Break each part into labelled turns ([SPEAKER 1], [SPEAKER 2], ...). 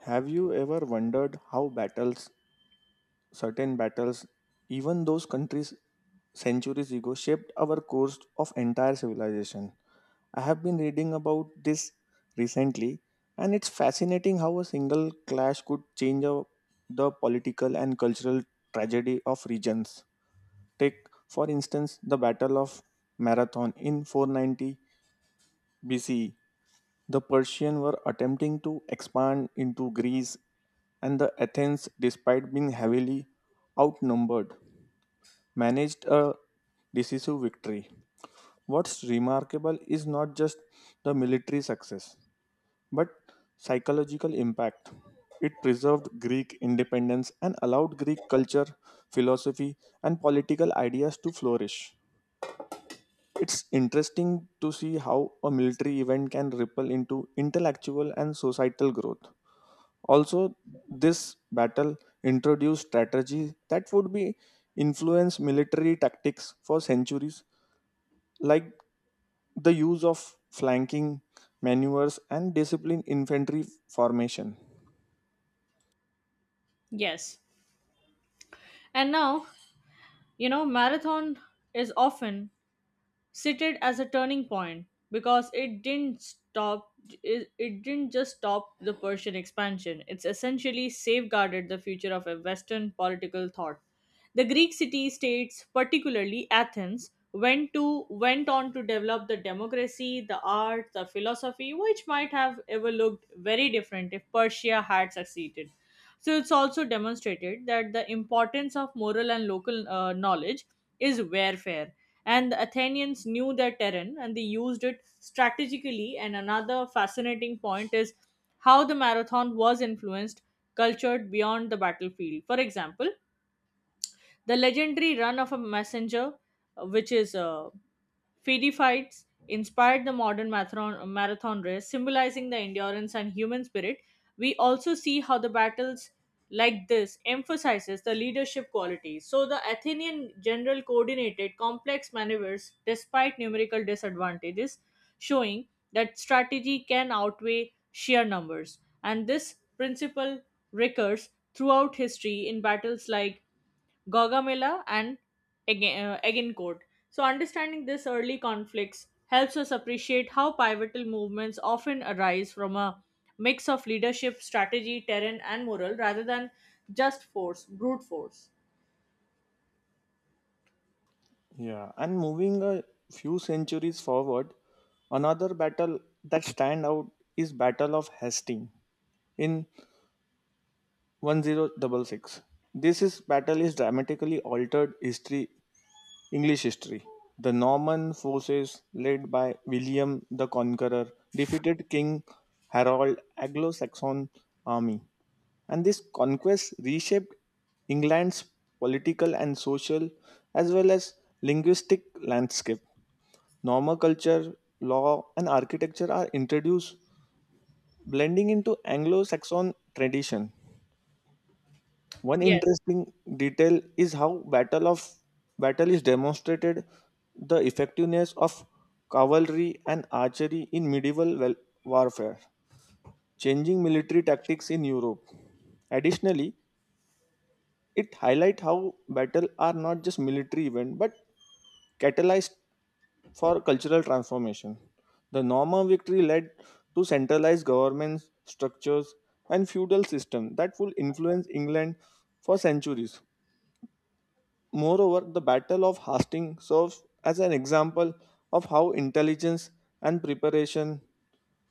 [SPEAKER 1] Have you ever wondered how battles, certain battles, even those countries centuries ago, shaped our course of entire civilization? I have been reading about this recently, and it's fascinating how a single clash could change the political and cultural tragedy of regions. Take, for instance, the Battle of Marathon in 490 BCE. The Persians were attempting to expand into Greece, and the Athens, despite being heavily outnumbered, managed a decisive victory. What's remarkable is not just the military success, but psychological impact. It preserved Greek independence and allowed Greek culture, philosophy, and political ideas to flourish. It's interesting to see how a military event can ripple into intellectual and societal growth. Also, this battle introduced strategies that would be influence military tactics for centuries, like the use of flanking maneuvers and disciplined infantry formation.
[SPEAKER 2] Yes. And now, marathon is often cited as a turning point because it didn't stop it, didn't just stop the Persian expansion. It's essentially safeguarded the future of a Western political thought. The Greek city states, particularly Athens, went on to develop the democracy, the art, the philosophy, which might have ever looked very different if Persia had succeeded. So it's also demonstrated that the importance of moral and local knowledge is warfare. And the Athenians knew their terrain and they used it strategically. And another fascinating point is how the marathon was influenced, cultured beyond the battlefield. For example, the legendary run of a messenger, which is Fidi fights inspired the modern marathon, race, symbolizing the endurance and human spirit. We also see how the battles like this emphasizes the leadership qualities. So the Athenian general coordinated complex maneuvers despite numerical disadvantages, showing that strategy can outweigh sheer numbers. And this principle recurs throughout history in battles like Gaugamela and Agincourt. So, understanding these early conflicts helps us appreciate how pivotal movements often arise from a mix of leadership, strategy, terrain, and morale rather than brute force.
[SPEAKER 1] Yeah, and moving a few centuries forward, another battle that stand out is Battle of Hastings in 1066. This is battle is dramatically altered history English history. The Norman forces led by William the Conqueror defeated King Harold's Anglo-Saxon army, and this conquest reshaped England's political and social as well as linguistic landscape. Norman culture, law, and architecture are introduced, blending into Anglo-Saxon tradition. One
[SPEAKER 2] Yes,
[SPEAKER 1] interesting detail is how battle of battle is demonstrated the effectiveness of cavalry and archery in medieval warfare, changing military tactics in Europe. Additionally, it highlights how battle are not just military event but catalyzed for cultural transformation. The Norman victory led to centralized government structures, and feudal system that would influence England for centuries. Moreover, the Battle of Hastings serves as an example of how intelligence and preparation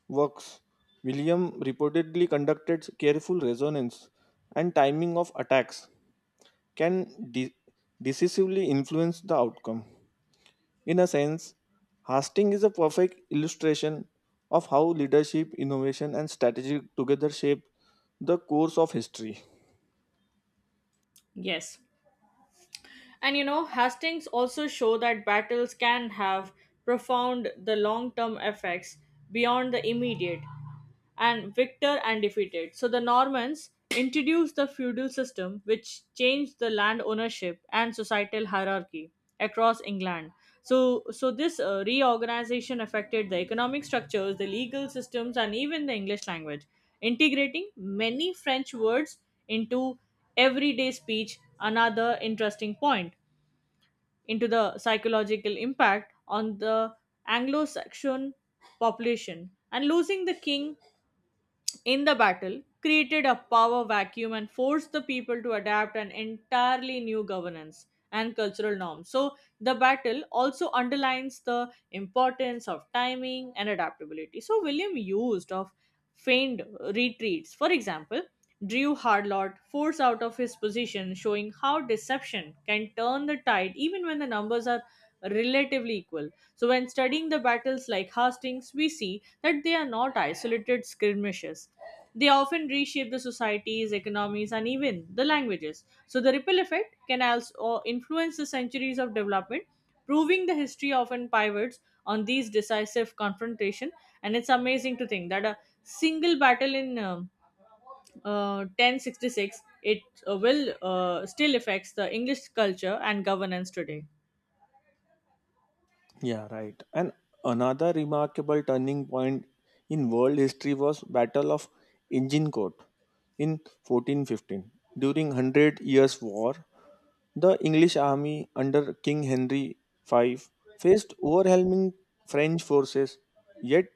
[SPEAKER 1] works. William reportedly conducted careful resonance and timing of attacks can decisively influence the outcome. In a sense, Hastings is a perfect illustration of how leadership, innovation, and strategy together shape the course of history.
[SPEAKER 2] yes. And you know, Hastings also show that battles can have profound the long-term effects beyond the immediate and victor and defeated. So the Normans introduced the feudal system which changed the land ownership and societal hierarchy across England. So this reorganization affected the economic structures, the legal systems, and even the English language, integrating many French words into everyday speech. Another interesting point into the psychological impact on the Anglo-Saxon population and losing the king in the battle created a power vacuum and forced the people to adapt an entirely new governance and cultural norms. So, the battle also underlines the importance of timing and adaptability. So, William used of feigned retreats, for example drew Harlot force out of his position, showing how deception can turn the tide even when the numbers are relatively equal. So, when studying the battles like Hastings, we see that they are not isolated skirmishes. They often reshape the societies, economies, and even the languages. So, the ripple effect can also influence the centuries of development, proving the history often pivots on these decisive confrontation. And it's amazing to think that a single battle in 1066, it will still affects the English culture and governance today.
[SPEAKER 1] Yeah, right. And another remarkable turning point in world history was Battle of Agincourt in 1415. During Hundred Years' War, the English army under King Henry V faced overwhelming French forces, yet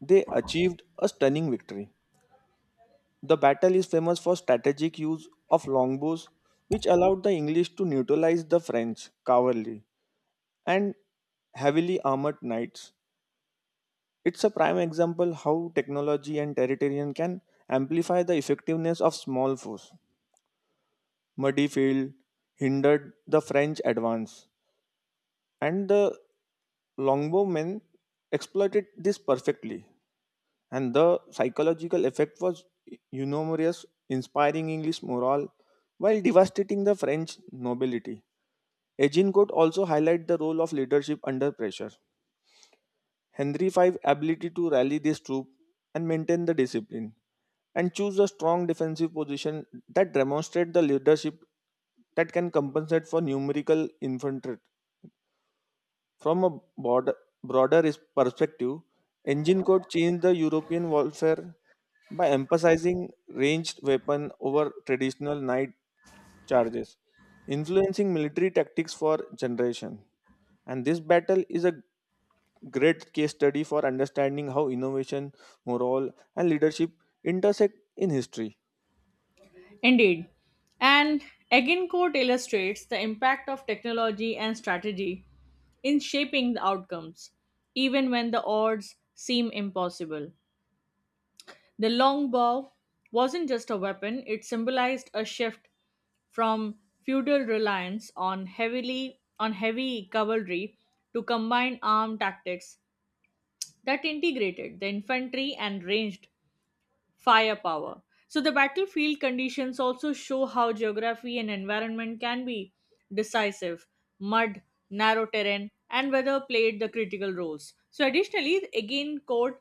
[SPEAKER 1] they achieved a stunning victory. The battle is famous for strategic use of longbows, which allowed the English to neutralize the French cavalry and heavily armored knights it's a prime example how technology and territorial can amplify the effectiveness of small force. Muddy field hindered the French advance, and the longbowmen exploited this perfectly. And the psychological effect was enormous, inspiring English morale while devastating the French nobility. Agincourt also highlight the role of leadership under pressure. Henry V's ability to rally this troop and maintain the discipline and choose a strong defensive position that demonstrate the leadership that can compensate for numerical infantry from a broad- broader perspective, Engine Code changed the European warfare by emphasizing ranged weapon over traditional night charges, influencing military tactics for generation. And this battle is a great case study for understanding how innovation, morale, and leadership intersect in history.
[SPEAKER 2] Indeed. And Agincourt illustrates the impact of technology and strategy in shaping the outcomes, even when the odds seem impossible. The longbow wasn't just a weapon, it symbolized a shift from feudal reliance on heavily on heavy cavalry to combined armed tactics that integrated the infantry and ranged firepower. So, the battlefield conditions also show how geography and environment can be decisive mud, narrow terrain, and weather played the critical roles. So, additionally, again, code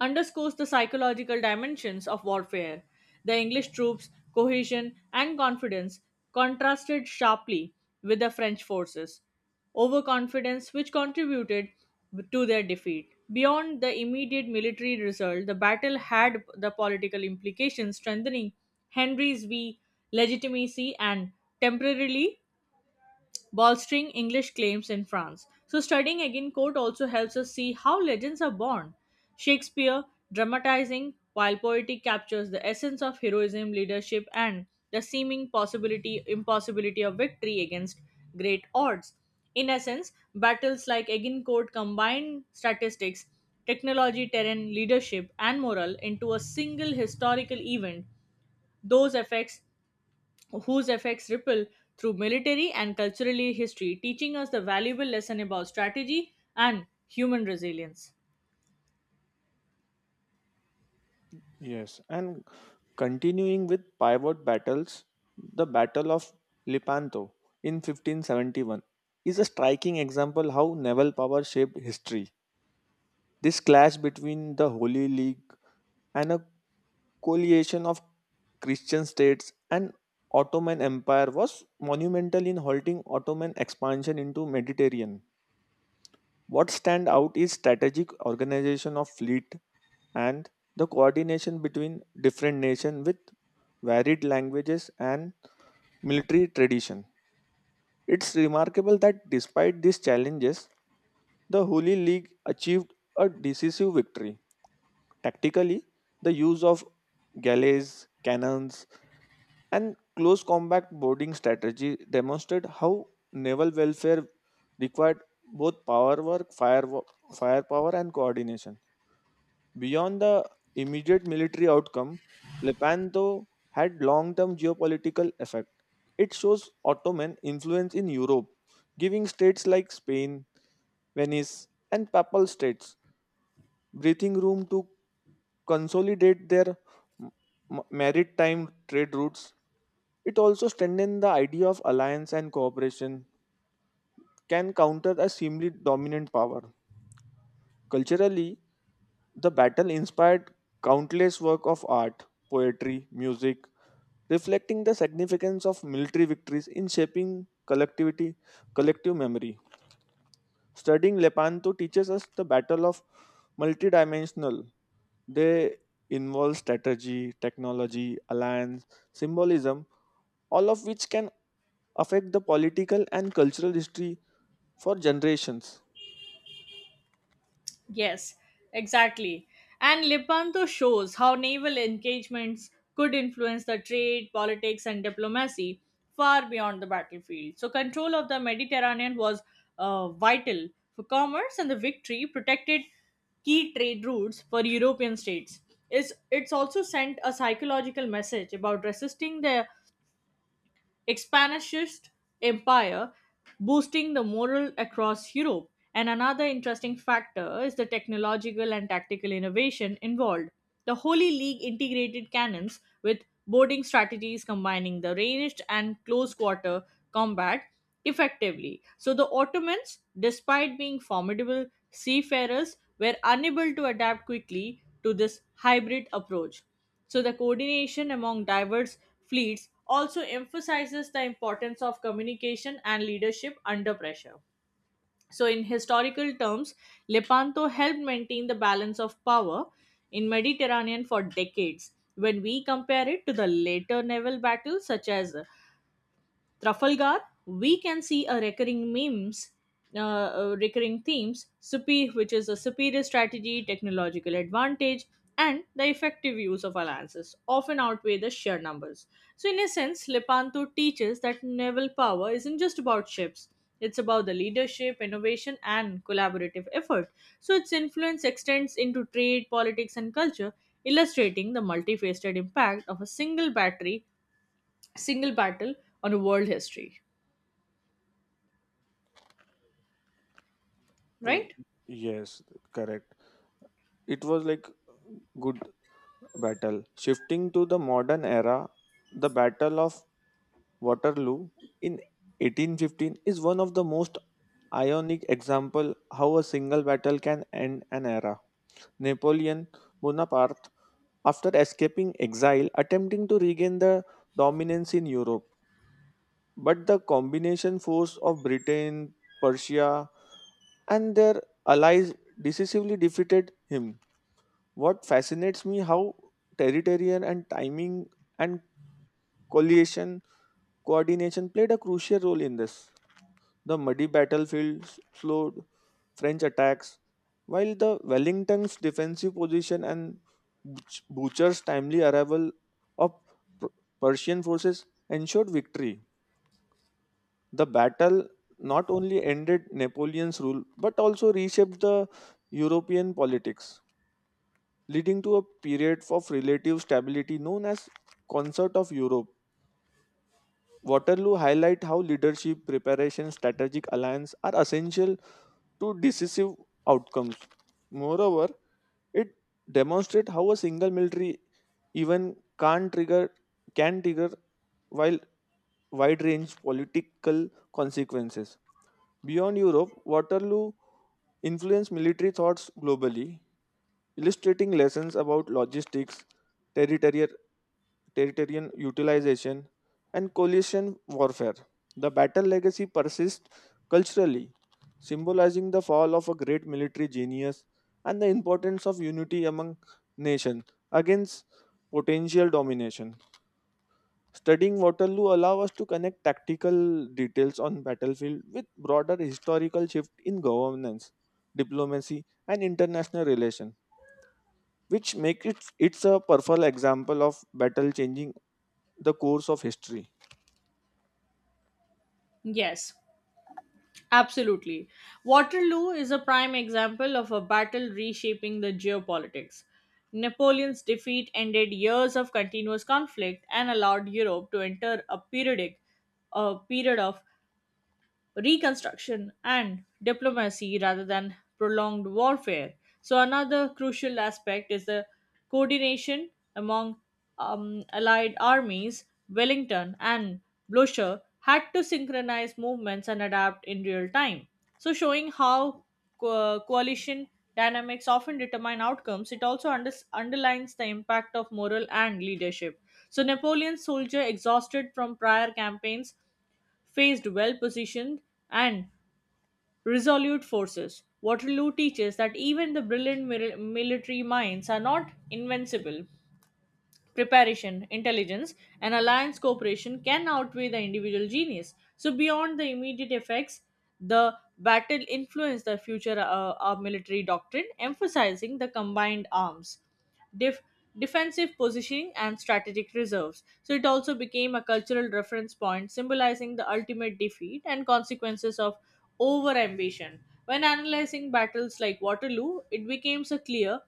[SPEAKER 2] underscores the psychological dimensions of warfare. The English troops' cohesion and confidence contrasted sharply with the French forces' overconfidence, which contributed to their defeat. Beyond the immediate military result, the battle had the political implications, strengthening Henry's V legitimacy and temporarily bolstering English claims in France. So, studying again Court also helps us see how legends are born. Shakespeare dramatizing, while poetry captures the essence of heroism, leadership, and the seeming possibility impossibility of victory against great odds. In essence, battles like Agincourt combine statistics, technology, terrain, leadership, and morale into a single historical event. Those effects whose effects ripple through military and culturally history, teaching us the valuable lesson about strategy and human resilience.
[SPEAKER 1] Yes, and continuing with pivot battles, the Battle of Lepanto in 1571 is a striking example how naval power shaped history. This clash between the Holy League and a coalition of Christian states and Ottoman Empire was monumental in halting Ottoman expansion into Mediterranean. What stand out is strategic organization of fleet and the coordination between different nations with varied languages and military tradition. It's remarkable that despite these challenges, the Holy League achieved a decisive victory. Tactically, the use of galleys, cannons, and close combat boarding strategy demonstrate how naval welfare required both power work, firepower, and coordination. Beyond the immediate military outcome, Lepanto had long term geopolitical effect. It shows Ottoman influence in Europe, giving states like Spain, Venice, and Papal states breathing room to consolidate their m- maritime trade routes. It also strengthened the idea of alliance and cooperation can counter a seemingly dominant power. Culturally, the battle inspired countless work of art, poetry, music, reflecting the significance of military victories in shaping collective memory. Studying Lepanto teaches us the battle of multidimensional. They involve strategy, technology, alliance, symbolism, all of which can affect the political and cultural history for generations.
[SPEAKER 2] Yes, exactly. And Lepanto shows how naval engagements could influence the trade, politics, and diplomacy far beyond the battlefield. So, control of the Mediterranean was vital for commerce, and the victory protected key trade routes for European states. It's also sent a psychological message about resisting the expansionist empire boosting the morale across Europe. And another interesting factor is the technological and tactical innovation involved. The Holy League integrated cannons with boarding strategies combining the ranged and close quarter combat effectively. So the Ottomans, despite being formidable seafarers, were unable to adapt quickly to this hybrid approach. So, the coordination among diverse fleets also emphasizes the importance of communication and leadership under pressure. So, in historical terms, Lepanto helped maintain the balance of power in Mediterranean for decades. When we compare it to the later naval battles such as Trafalgar, we can see recurring themes, which is a superior strategy, technological advantage, and the effective use of alliances often outweigh the sheer numbers. So, in a sense, Lepanto teaches that naval power isn't just about ships. It's about the leadership, innovation, and collaborative effort. So its influence extends into trade, politics, and culture, illustrating the multifaceted impact of single battle on a world history,
[SPEAKER 1] Uh,
[SPEAKER 2] right?
[SPEAKER 1] yes, correct. It was like good battle. Shifting to the modern era, the Battle of Waterloo in 1815 is one of the most ionic example how a single battle can end an era. Napoleon Bonaparte, after escaping exile, attempting to regain the dominance in Europe, but the combination force of Britain, Persia, and their allies decisively defeated him. What fascinates me how territorial and timing and coalition coordination played a crucial role in this. The muddy battlefield slowed French attacks, while the Wellington's defensive position and Bucher's timely arrival of P- Persian forces ensured victory. The battle not only ended Napoleon's rule but also reshaped the European politics, leading to a period of relative stability known as Concert of Europe. Waterloo highlight how leadership, preparation, strategic alliance are essential to decisive outcomes. Moreover, it demonstrates how a single military even can trigger while wide range political consequences. Beyond Europe, Waterloo influenced military thoughts globally, illustrating lessons about logistics, territorial, territorial utilization, and coalition warfare. The battle legacy persists culturally, symbolizing the fall of a great military genius and the importance of unity among nations against potential domination. Studying Waterloo allows us to connect tactical details on battlefield with broader historical shift in governance, diplomacy, and international relations which make it's a perfect example of battle changing the course of history.
[SPEAKER 2] Yes, absolutely. Waterloo is a prime example of a battle reshaping the geopolitics. Napoleon's defeat ended years of continuous conflict and allowed Europe to enter a period of reconstruction and diplomacy rather than prolonged warfare. So, another crucial aspect is the coordination among allied armies. Wellington and Blücher had to synchronize movements and adapt in real time. So, showing how coalition dynamics often determine outcomes, it also underlines the impact of moral and leadership. So, Napoleon's soldier exhausted from prior campaigns faced well positioned and resolute forces. Waterloo teaches that even the brilliant military minds are not invincible preparation, intelligence, and alliance cooperation can outweigh the individual genius. So, beyond the immediate effects, the battle influenced the future of military doctrine, emphasizing the combined arms, def- defensive positioning, and strategic reserves. So, it also became a cultural reference point, symbolizing the ultimate defeat and consequences of overambition. When analyzing battles like Waterloo, it becomes a clear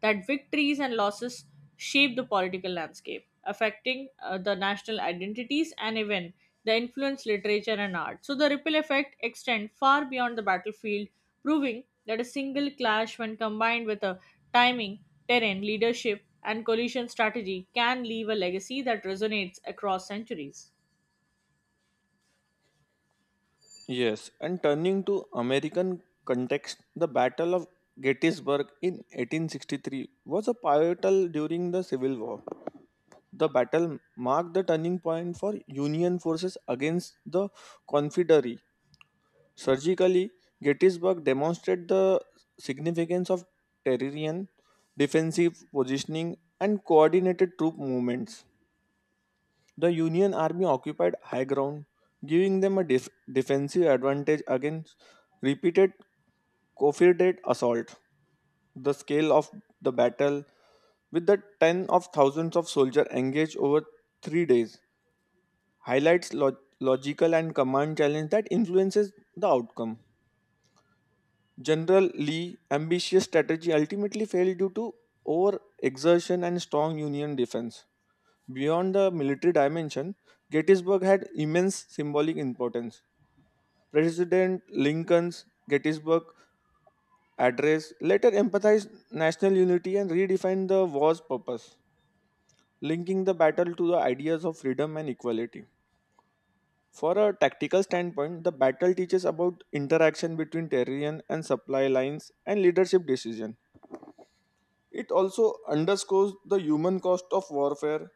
[SPEAKER 2] that victories and losses shape the political landscape, affecting the national identities and even the influence literature and art. So the ripple effect extend far beyond the battlefield, proving that a single clash when combined with a timing, terrain, leadership and coalition strategy can leave a legacy that resonates across centuries.
[SPEAKER 1] Yes, and turning to American context, the Battle of Gettysburg in 1863 was a pivotal during the Civil War. The battle marked the turning point for Union forces against the Confederacy. Surgically, Gettysburg demonstrated the significance of terrain, defensive positioning, and coordinated troop movements. The Union army occupied high ground, giving them a defensive advantage against repeated Confederate assault. The scale of the battle, with the ten of thousands of soldiers engaged over 3 days, highlights logical and command challenge that influences the outcome. General Lee's ambitious strategy ultimately failed due to overexertion and strong Union defense. Beyond the military dimension, Gettysburg had immense symbolic importance. President Lincoln's Gettysburg Address later emphasized national unity and redefined the war's purpose, linking the battle to the ideas of freedom and equality. For a tactical standpoint, the battle teaches about interaction between terrain and supply lines and leadership decision. It also underscores the human cost of warfare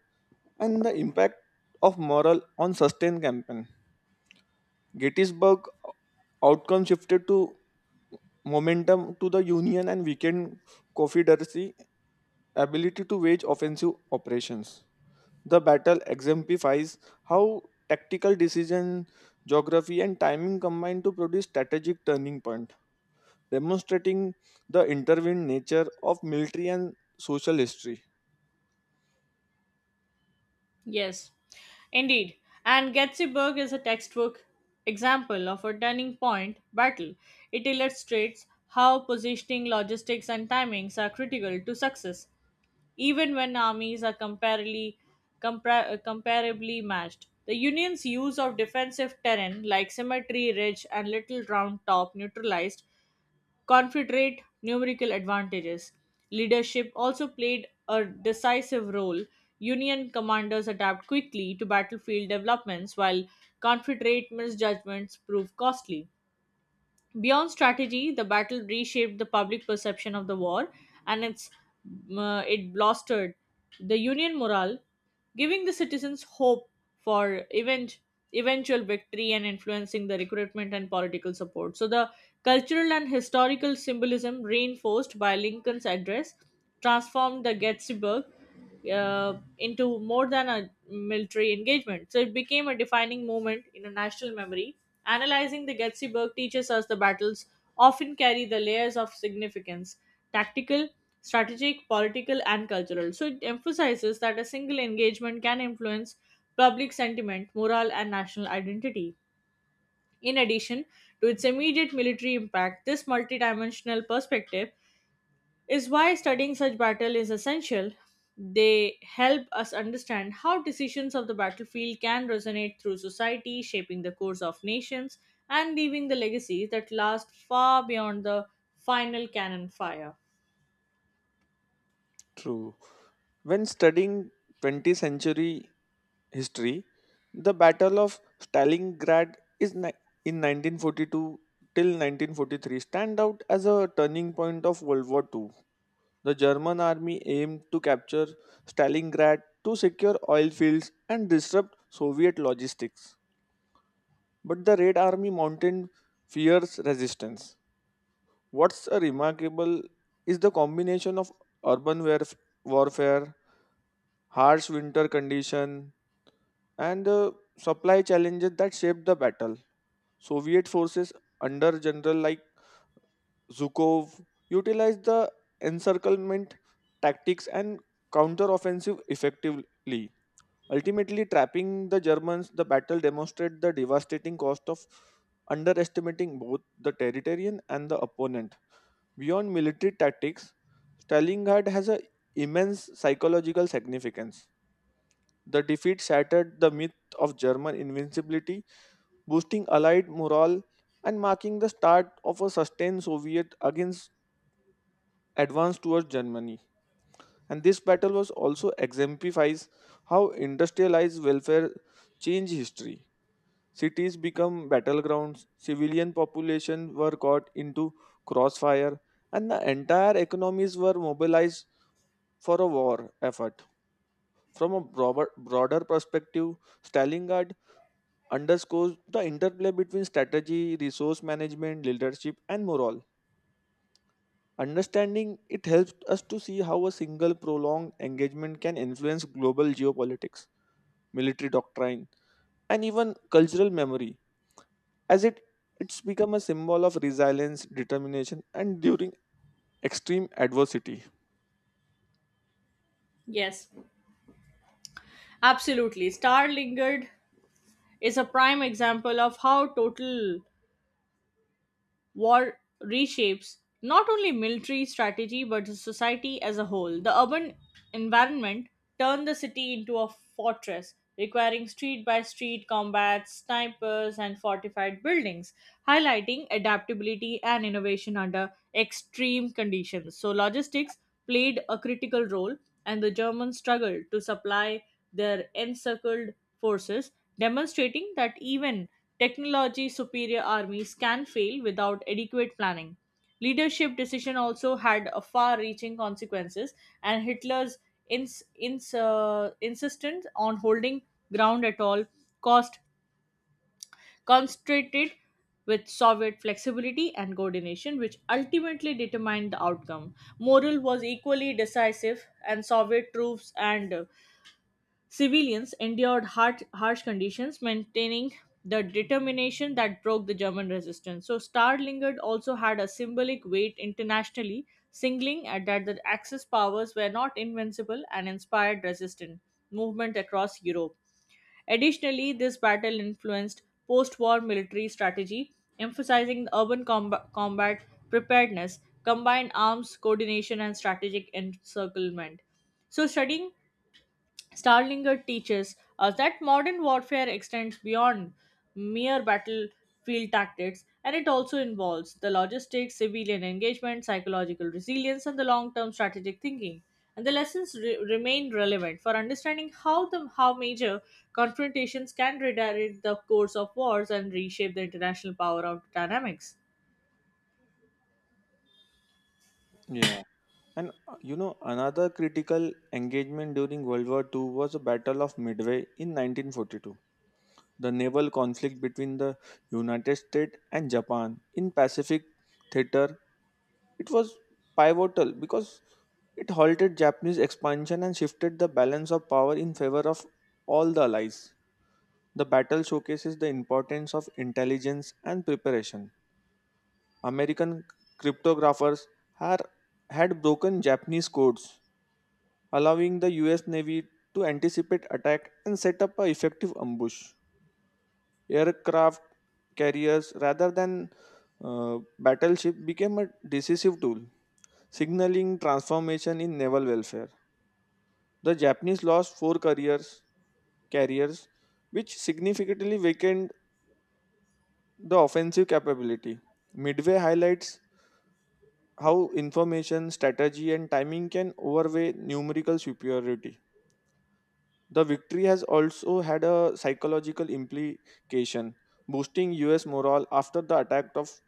[SPEAKER 1] and the impact of moral on sustained campaign. Gettysburg outcome shifted to momentum to the Union and weakened Confederacy ability to wage offensive operations. The battle exemplifies how tactical decision, geography, and timing combine to produce strategic turning point, demonstrating the intertwined nature of military and social history.
[SPEAKER 2] Yes, indeed. And Getzeburg is a textbook example of a turning point battle. It illustrates how positioning, logistics, and timings are critical to success, even when armies are comparably matched. The Union's use of defensive terrain like Cemetery Ridge and Little Round Top neutralized Confederate numerical advantages. Leadership also played a decisive role. Union commanders adapt quickly to battlefield developments, while Confederate misjudgments prove costly. Beyond strategy, the battle reshaped the public perception of the war and it bolstered the Union morale, giving the citizens hope for eventual victory and influencing the recruitment and political support. So, the cultural and historical symbolism reinforced by Lincoln's address transformed the Gettysburg into more than a military engagement. So, it became a defining moment in a national memory. Analyzing the Gettyysburg teaches us the battles often carry the layers of significance tactical, strategic, political, and cultural. So it emphasizes that a single engagement can influence public sentiment, morale, and national identity. In addition to its immediate military impact, this multidimensional perspective is why studying such battle is essential. They help us understand how decisions of the battlefield can resonate through society, shaping the course of nations and leaving the legacies that last far beyond the final cannon fire.
[SPEAKER 1] True. When studying 20th century history, the Battle of Stalingrad is in 1942 till 1943 stand out as a turning point of World War II. The German army aimed to capture Stalingrad to secure oil fields and disrupt Soviet logistics, but the Red Army mounted fierce resistance. What's a remarkable is the combination of urban warfare, harsh winter condition, and the supply challenges that shaped the battle. Soviet forces under general like Zhukov utilized the encirclement tactics and counteroffensive effectively, ultimately trapping the Germans. The battle demonstrated the devastating cost of underestimating both the territorian and the opponent. Beyond military tactics, Stalingrad has an immense psychological significance. The defeat shattered the myth of German invincibility, boosting Allied morale and marking the start of a sustained Soviet against advance towards Germany. And this battle was also exemplifies how industrialized welfare changed history. Cities become battlegrounds, civilian population were caught into crossfire, and the entire economies were mobilized for a war effort. From a broader perspective, Stalingrad underscores the interplay between strategy, resource management, leadership, and morale. Understanding it helps us to see how a single prolonged engagement can influence global geopolitics, military doctrine, and even cultural memory, as it's become a symbol of resilience, determination, and during extreme adversity.
[SPEAKER 2] Yes, absolutely. Star Lingered is a prime example of how total War reshapes not only military strategy but the society as a whole. The urban environment turned the city into a fortress, requiring street by street combat, snipers, and fortified buildings, highlighting adaptability and innovation under extreme conditions. So, logistics played a critical role, and the Germans struggled to supply their encircled forces, demonstrating that even technology superior armies can fail without adequate planning. Leadership decision also had a far-reaching consequences, and Hitler's insistence on holding ground at all cost concentrated with Soviet flexibility and coordination, which ultimately determined the outcome. Morale was equally decisive, and Soviet troops and Civilians endured harsh conditions, maintaining the determination that broke the German resistance. So, Starlingard also had a symbolic weight internationally, singling at that the Axis powers were not invincible and inspired resistance movement across Europe. Additionally, this battle influenced post war military strategy, emphasizing the urban combat preparedness, combined arms coordination, and strategic encirclement. So, studying Starlinger teaches us that modern warfare extends beyond mere battlefield tactics and it also involves the logistics, civilian engagement, psychological resilience, and the long term strategic thinking. And the lessons remain relevant for understanding how major confrontations can redirect the course of wars and reshape the international power of dynamics.
[SPEAKER 1] Yeah. And you know, another critical engagement during World War II was the Battle of Midway in 1942, the naval conflict between the United States and Japan in Pacific Theater. It was pivotal because it halted Japanese expansion and shifted the balance of power in favor of all the allies. The battle showcases the importance of intelligence and preparation. American cryptographers had, had broken Japanese codes, allowing the US Navy to anticipate attack and set up an effective ambush. Aircraft carriers rather than battleship became a decisive tool, signaling transformation in naval welfare. The Japanese lost four carriers, which significantly weakened the offensive capability. Midway highlights how information, strategy, and timing can overweigh numerical superiority. The victory has also had a psychological implication, boosting US morale after the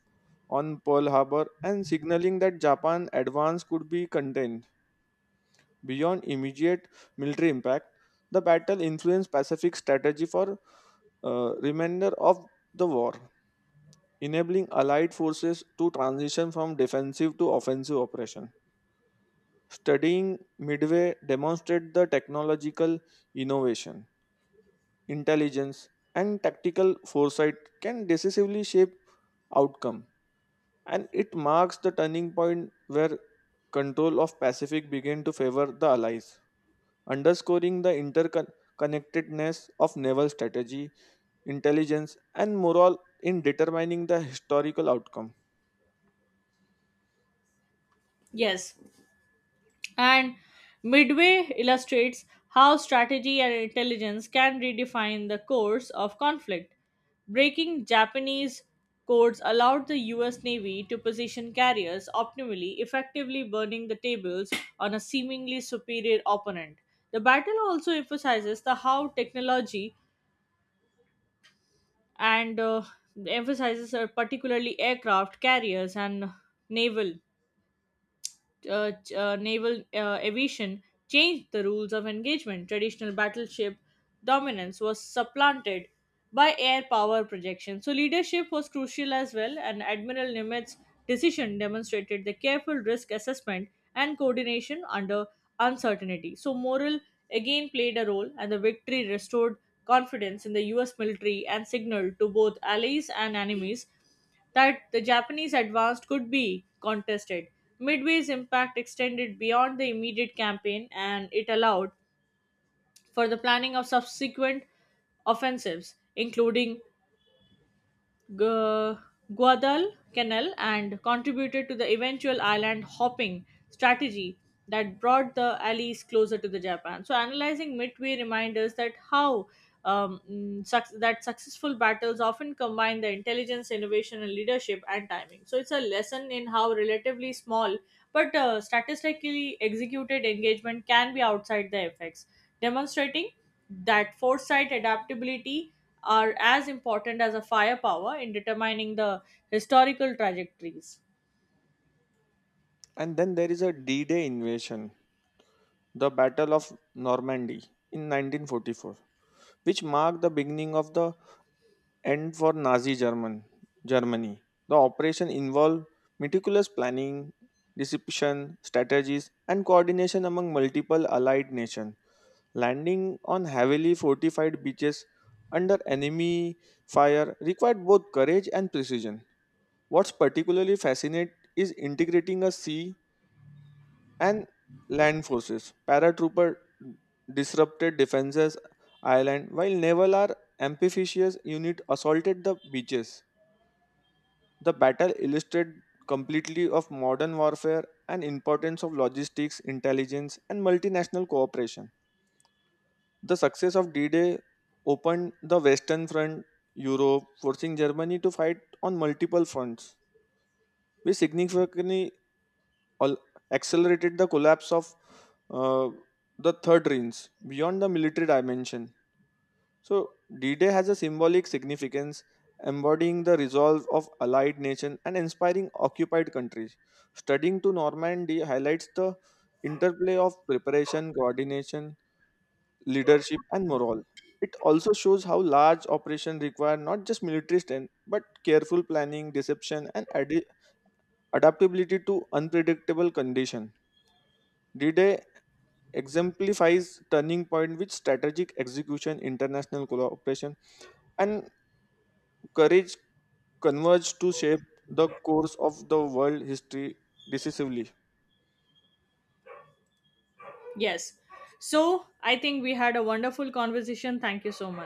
[SPEAKER 1] on Pearl Harbor and signaling that Japan's advance could be contained. Beyond immediate military impact, the battle influenced Pacific strategy for remainder of the war, enabling Allied forces to transition from defensive to offensive operation. Studying Midway demonstrates the technological innovation intelligence, and tactical foresight can decisively shape outcome. And it marks the turning point where control of Pacific began to favor the Allies, underscoring the interconnectedness of naval strategy, intelligence, and morale in determining the historical outcome.
[SPEAKER 2] Yes, and Midway illustrates how strategy and intelligence can redefine the course of conflict. Breaking Japanese codes allowed the US Navy to position carriers optimally, effectively burning the tables on a seemingly superior opponent. The battle also emphasizes the how technology and emphasizes particularly aircraft carriers and naval naval aviation changed the rules of engagement. Traditional battleship dominance was supplanted by air power projection. So, leadership was crucial as well, and Admiral Nimitz' decision demonstrated the careful risk assessment and coordination under uncertainty. So, morale again played a role, and the victory restored confidence in the US military and signaled to both allies and enemies that the Japanese advance could be contested. Midway's impact extended beyond the immediate campaign and it allowed for the planning of subsequent offensives, including Gu- Guadalcanal and contributed to the eventual island hopping strategy that brought the allies closer to the Japan. So analyzing midway reminds us that how mm, suc that successful battles often combine the intelligence, innovation, and leadership and timing. So it's a lesson in how relatively small but statistically executed engagement can be outside the effects, demonstrating that foresight, adaptability, are as important as a firepower in determining the historical trajectories.
[SPEAKER 1] And then there is a D-Day invasion, the Battle of Normandy in 1944, which marked the beginning of the and for Germany. The operation involved meticulous planning, deception, strategies, and coordination among multiple allied nations, landing on heavily fortified beaches under enemy fire required both courage and precision. What's particularly fascinating is integrating a sea and land forces. Paratrooper disrupted defenses island while naval are amphibious unit assaulted the beaches the battle illustrated completely of modern warfare and importance of logistics, intelligence, and multinational cooperation. The success of D-Day opened the Western Front, Europe, forcing Germany to fight on multiple fronts, which significantly al- accelerated the collapse of uh, the Third Reich beyond the military dimension. So, D Day has a symbolic significance, embodying the resolve of allied nations and inspiring occupied countries. Studying to Normandy highlights the interplay of preparation, coordination, leadership, and morale. It also shows how large operations require not just military strength, but careful planning, deception, and adaptability to unpredictable conditions. D Day exemplifies turning point with strategic execution, international cooperation, and courage converged to shape the course of the world history decisively.
[SPEAKER 2] Yes. So I think we had a wonderful conversation. Thank you so much.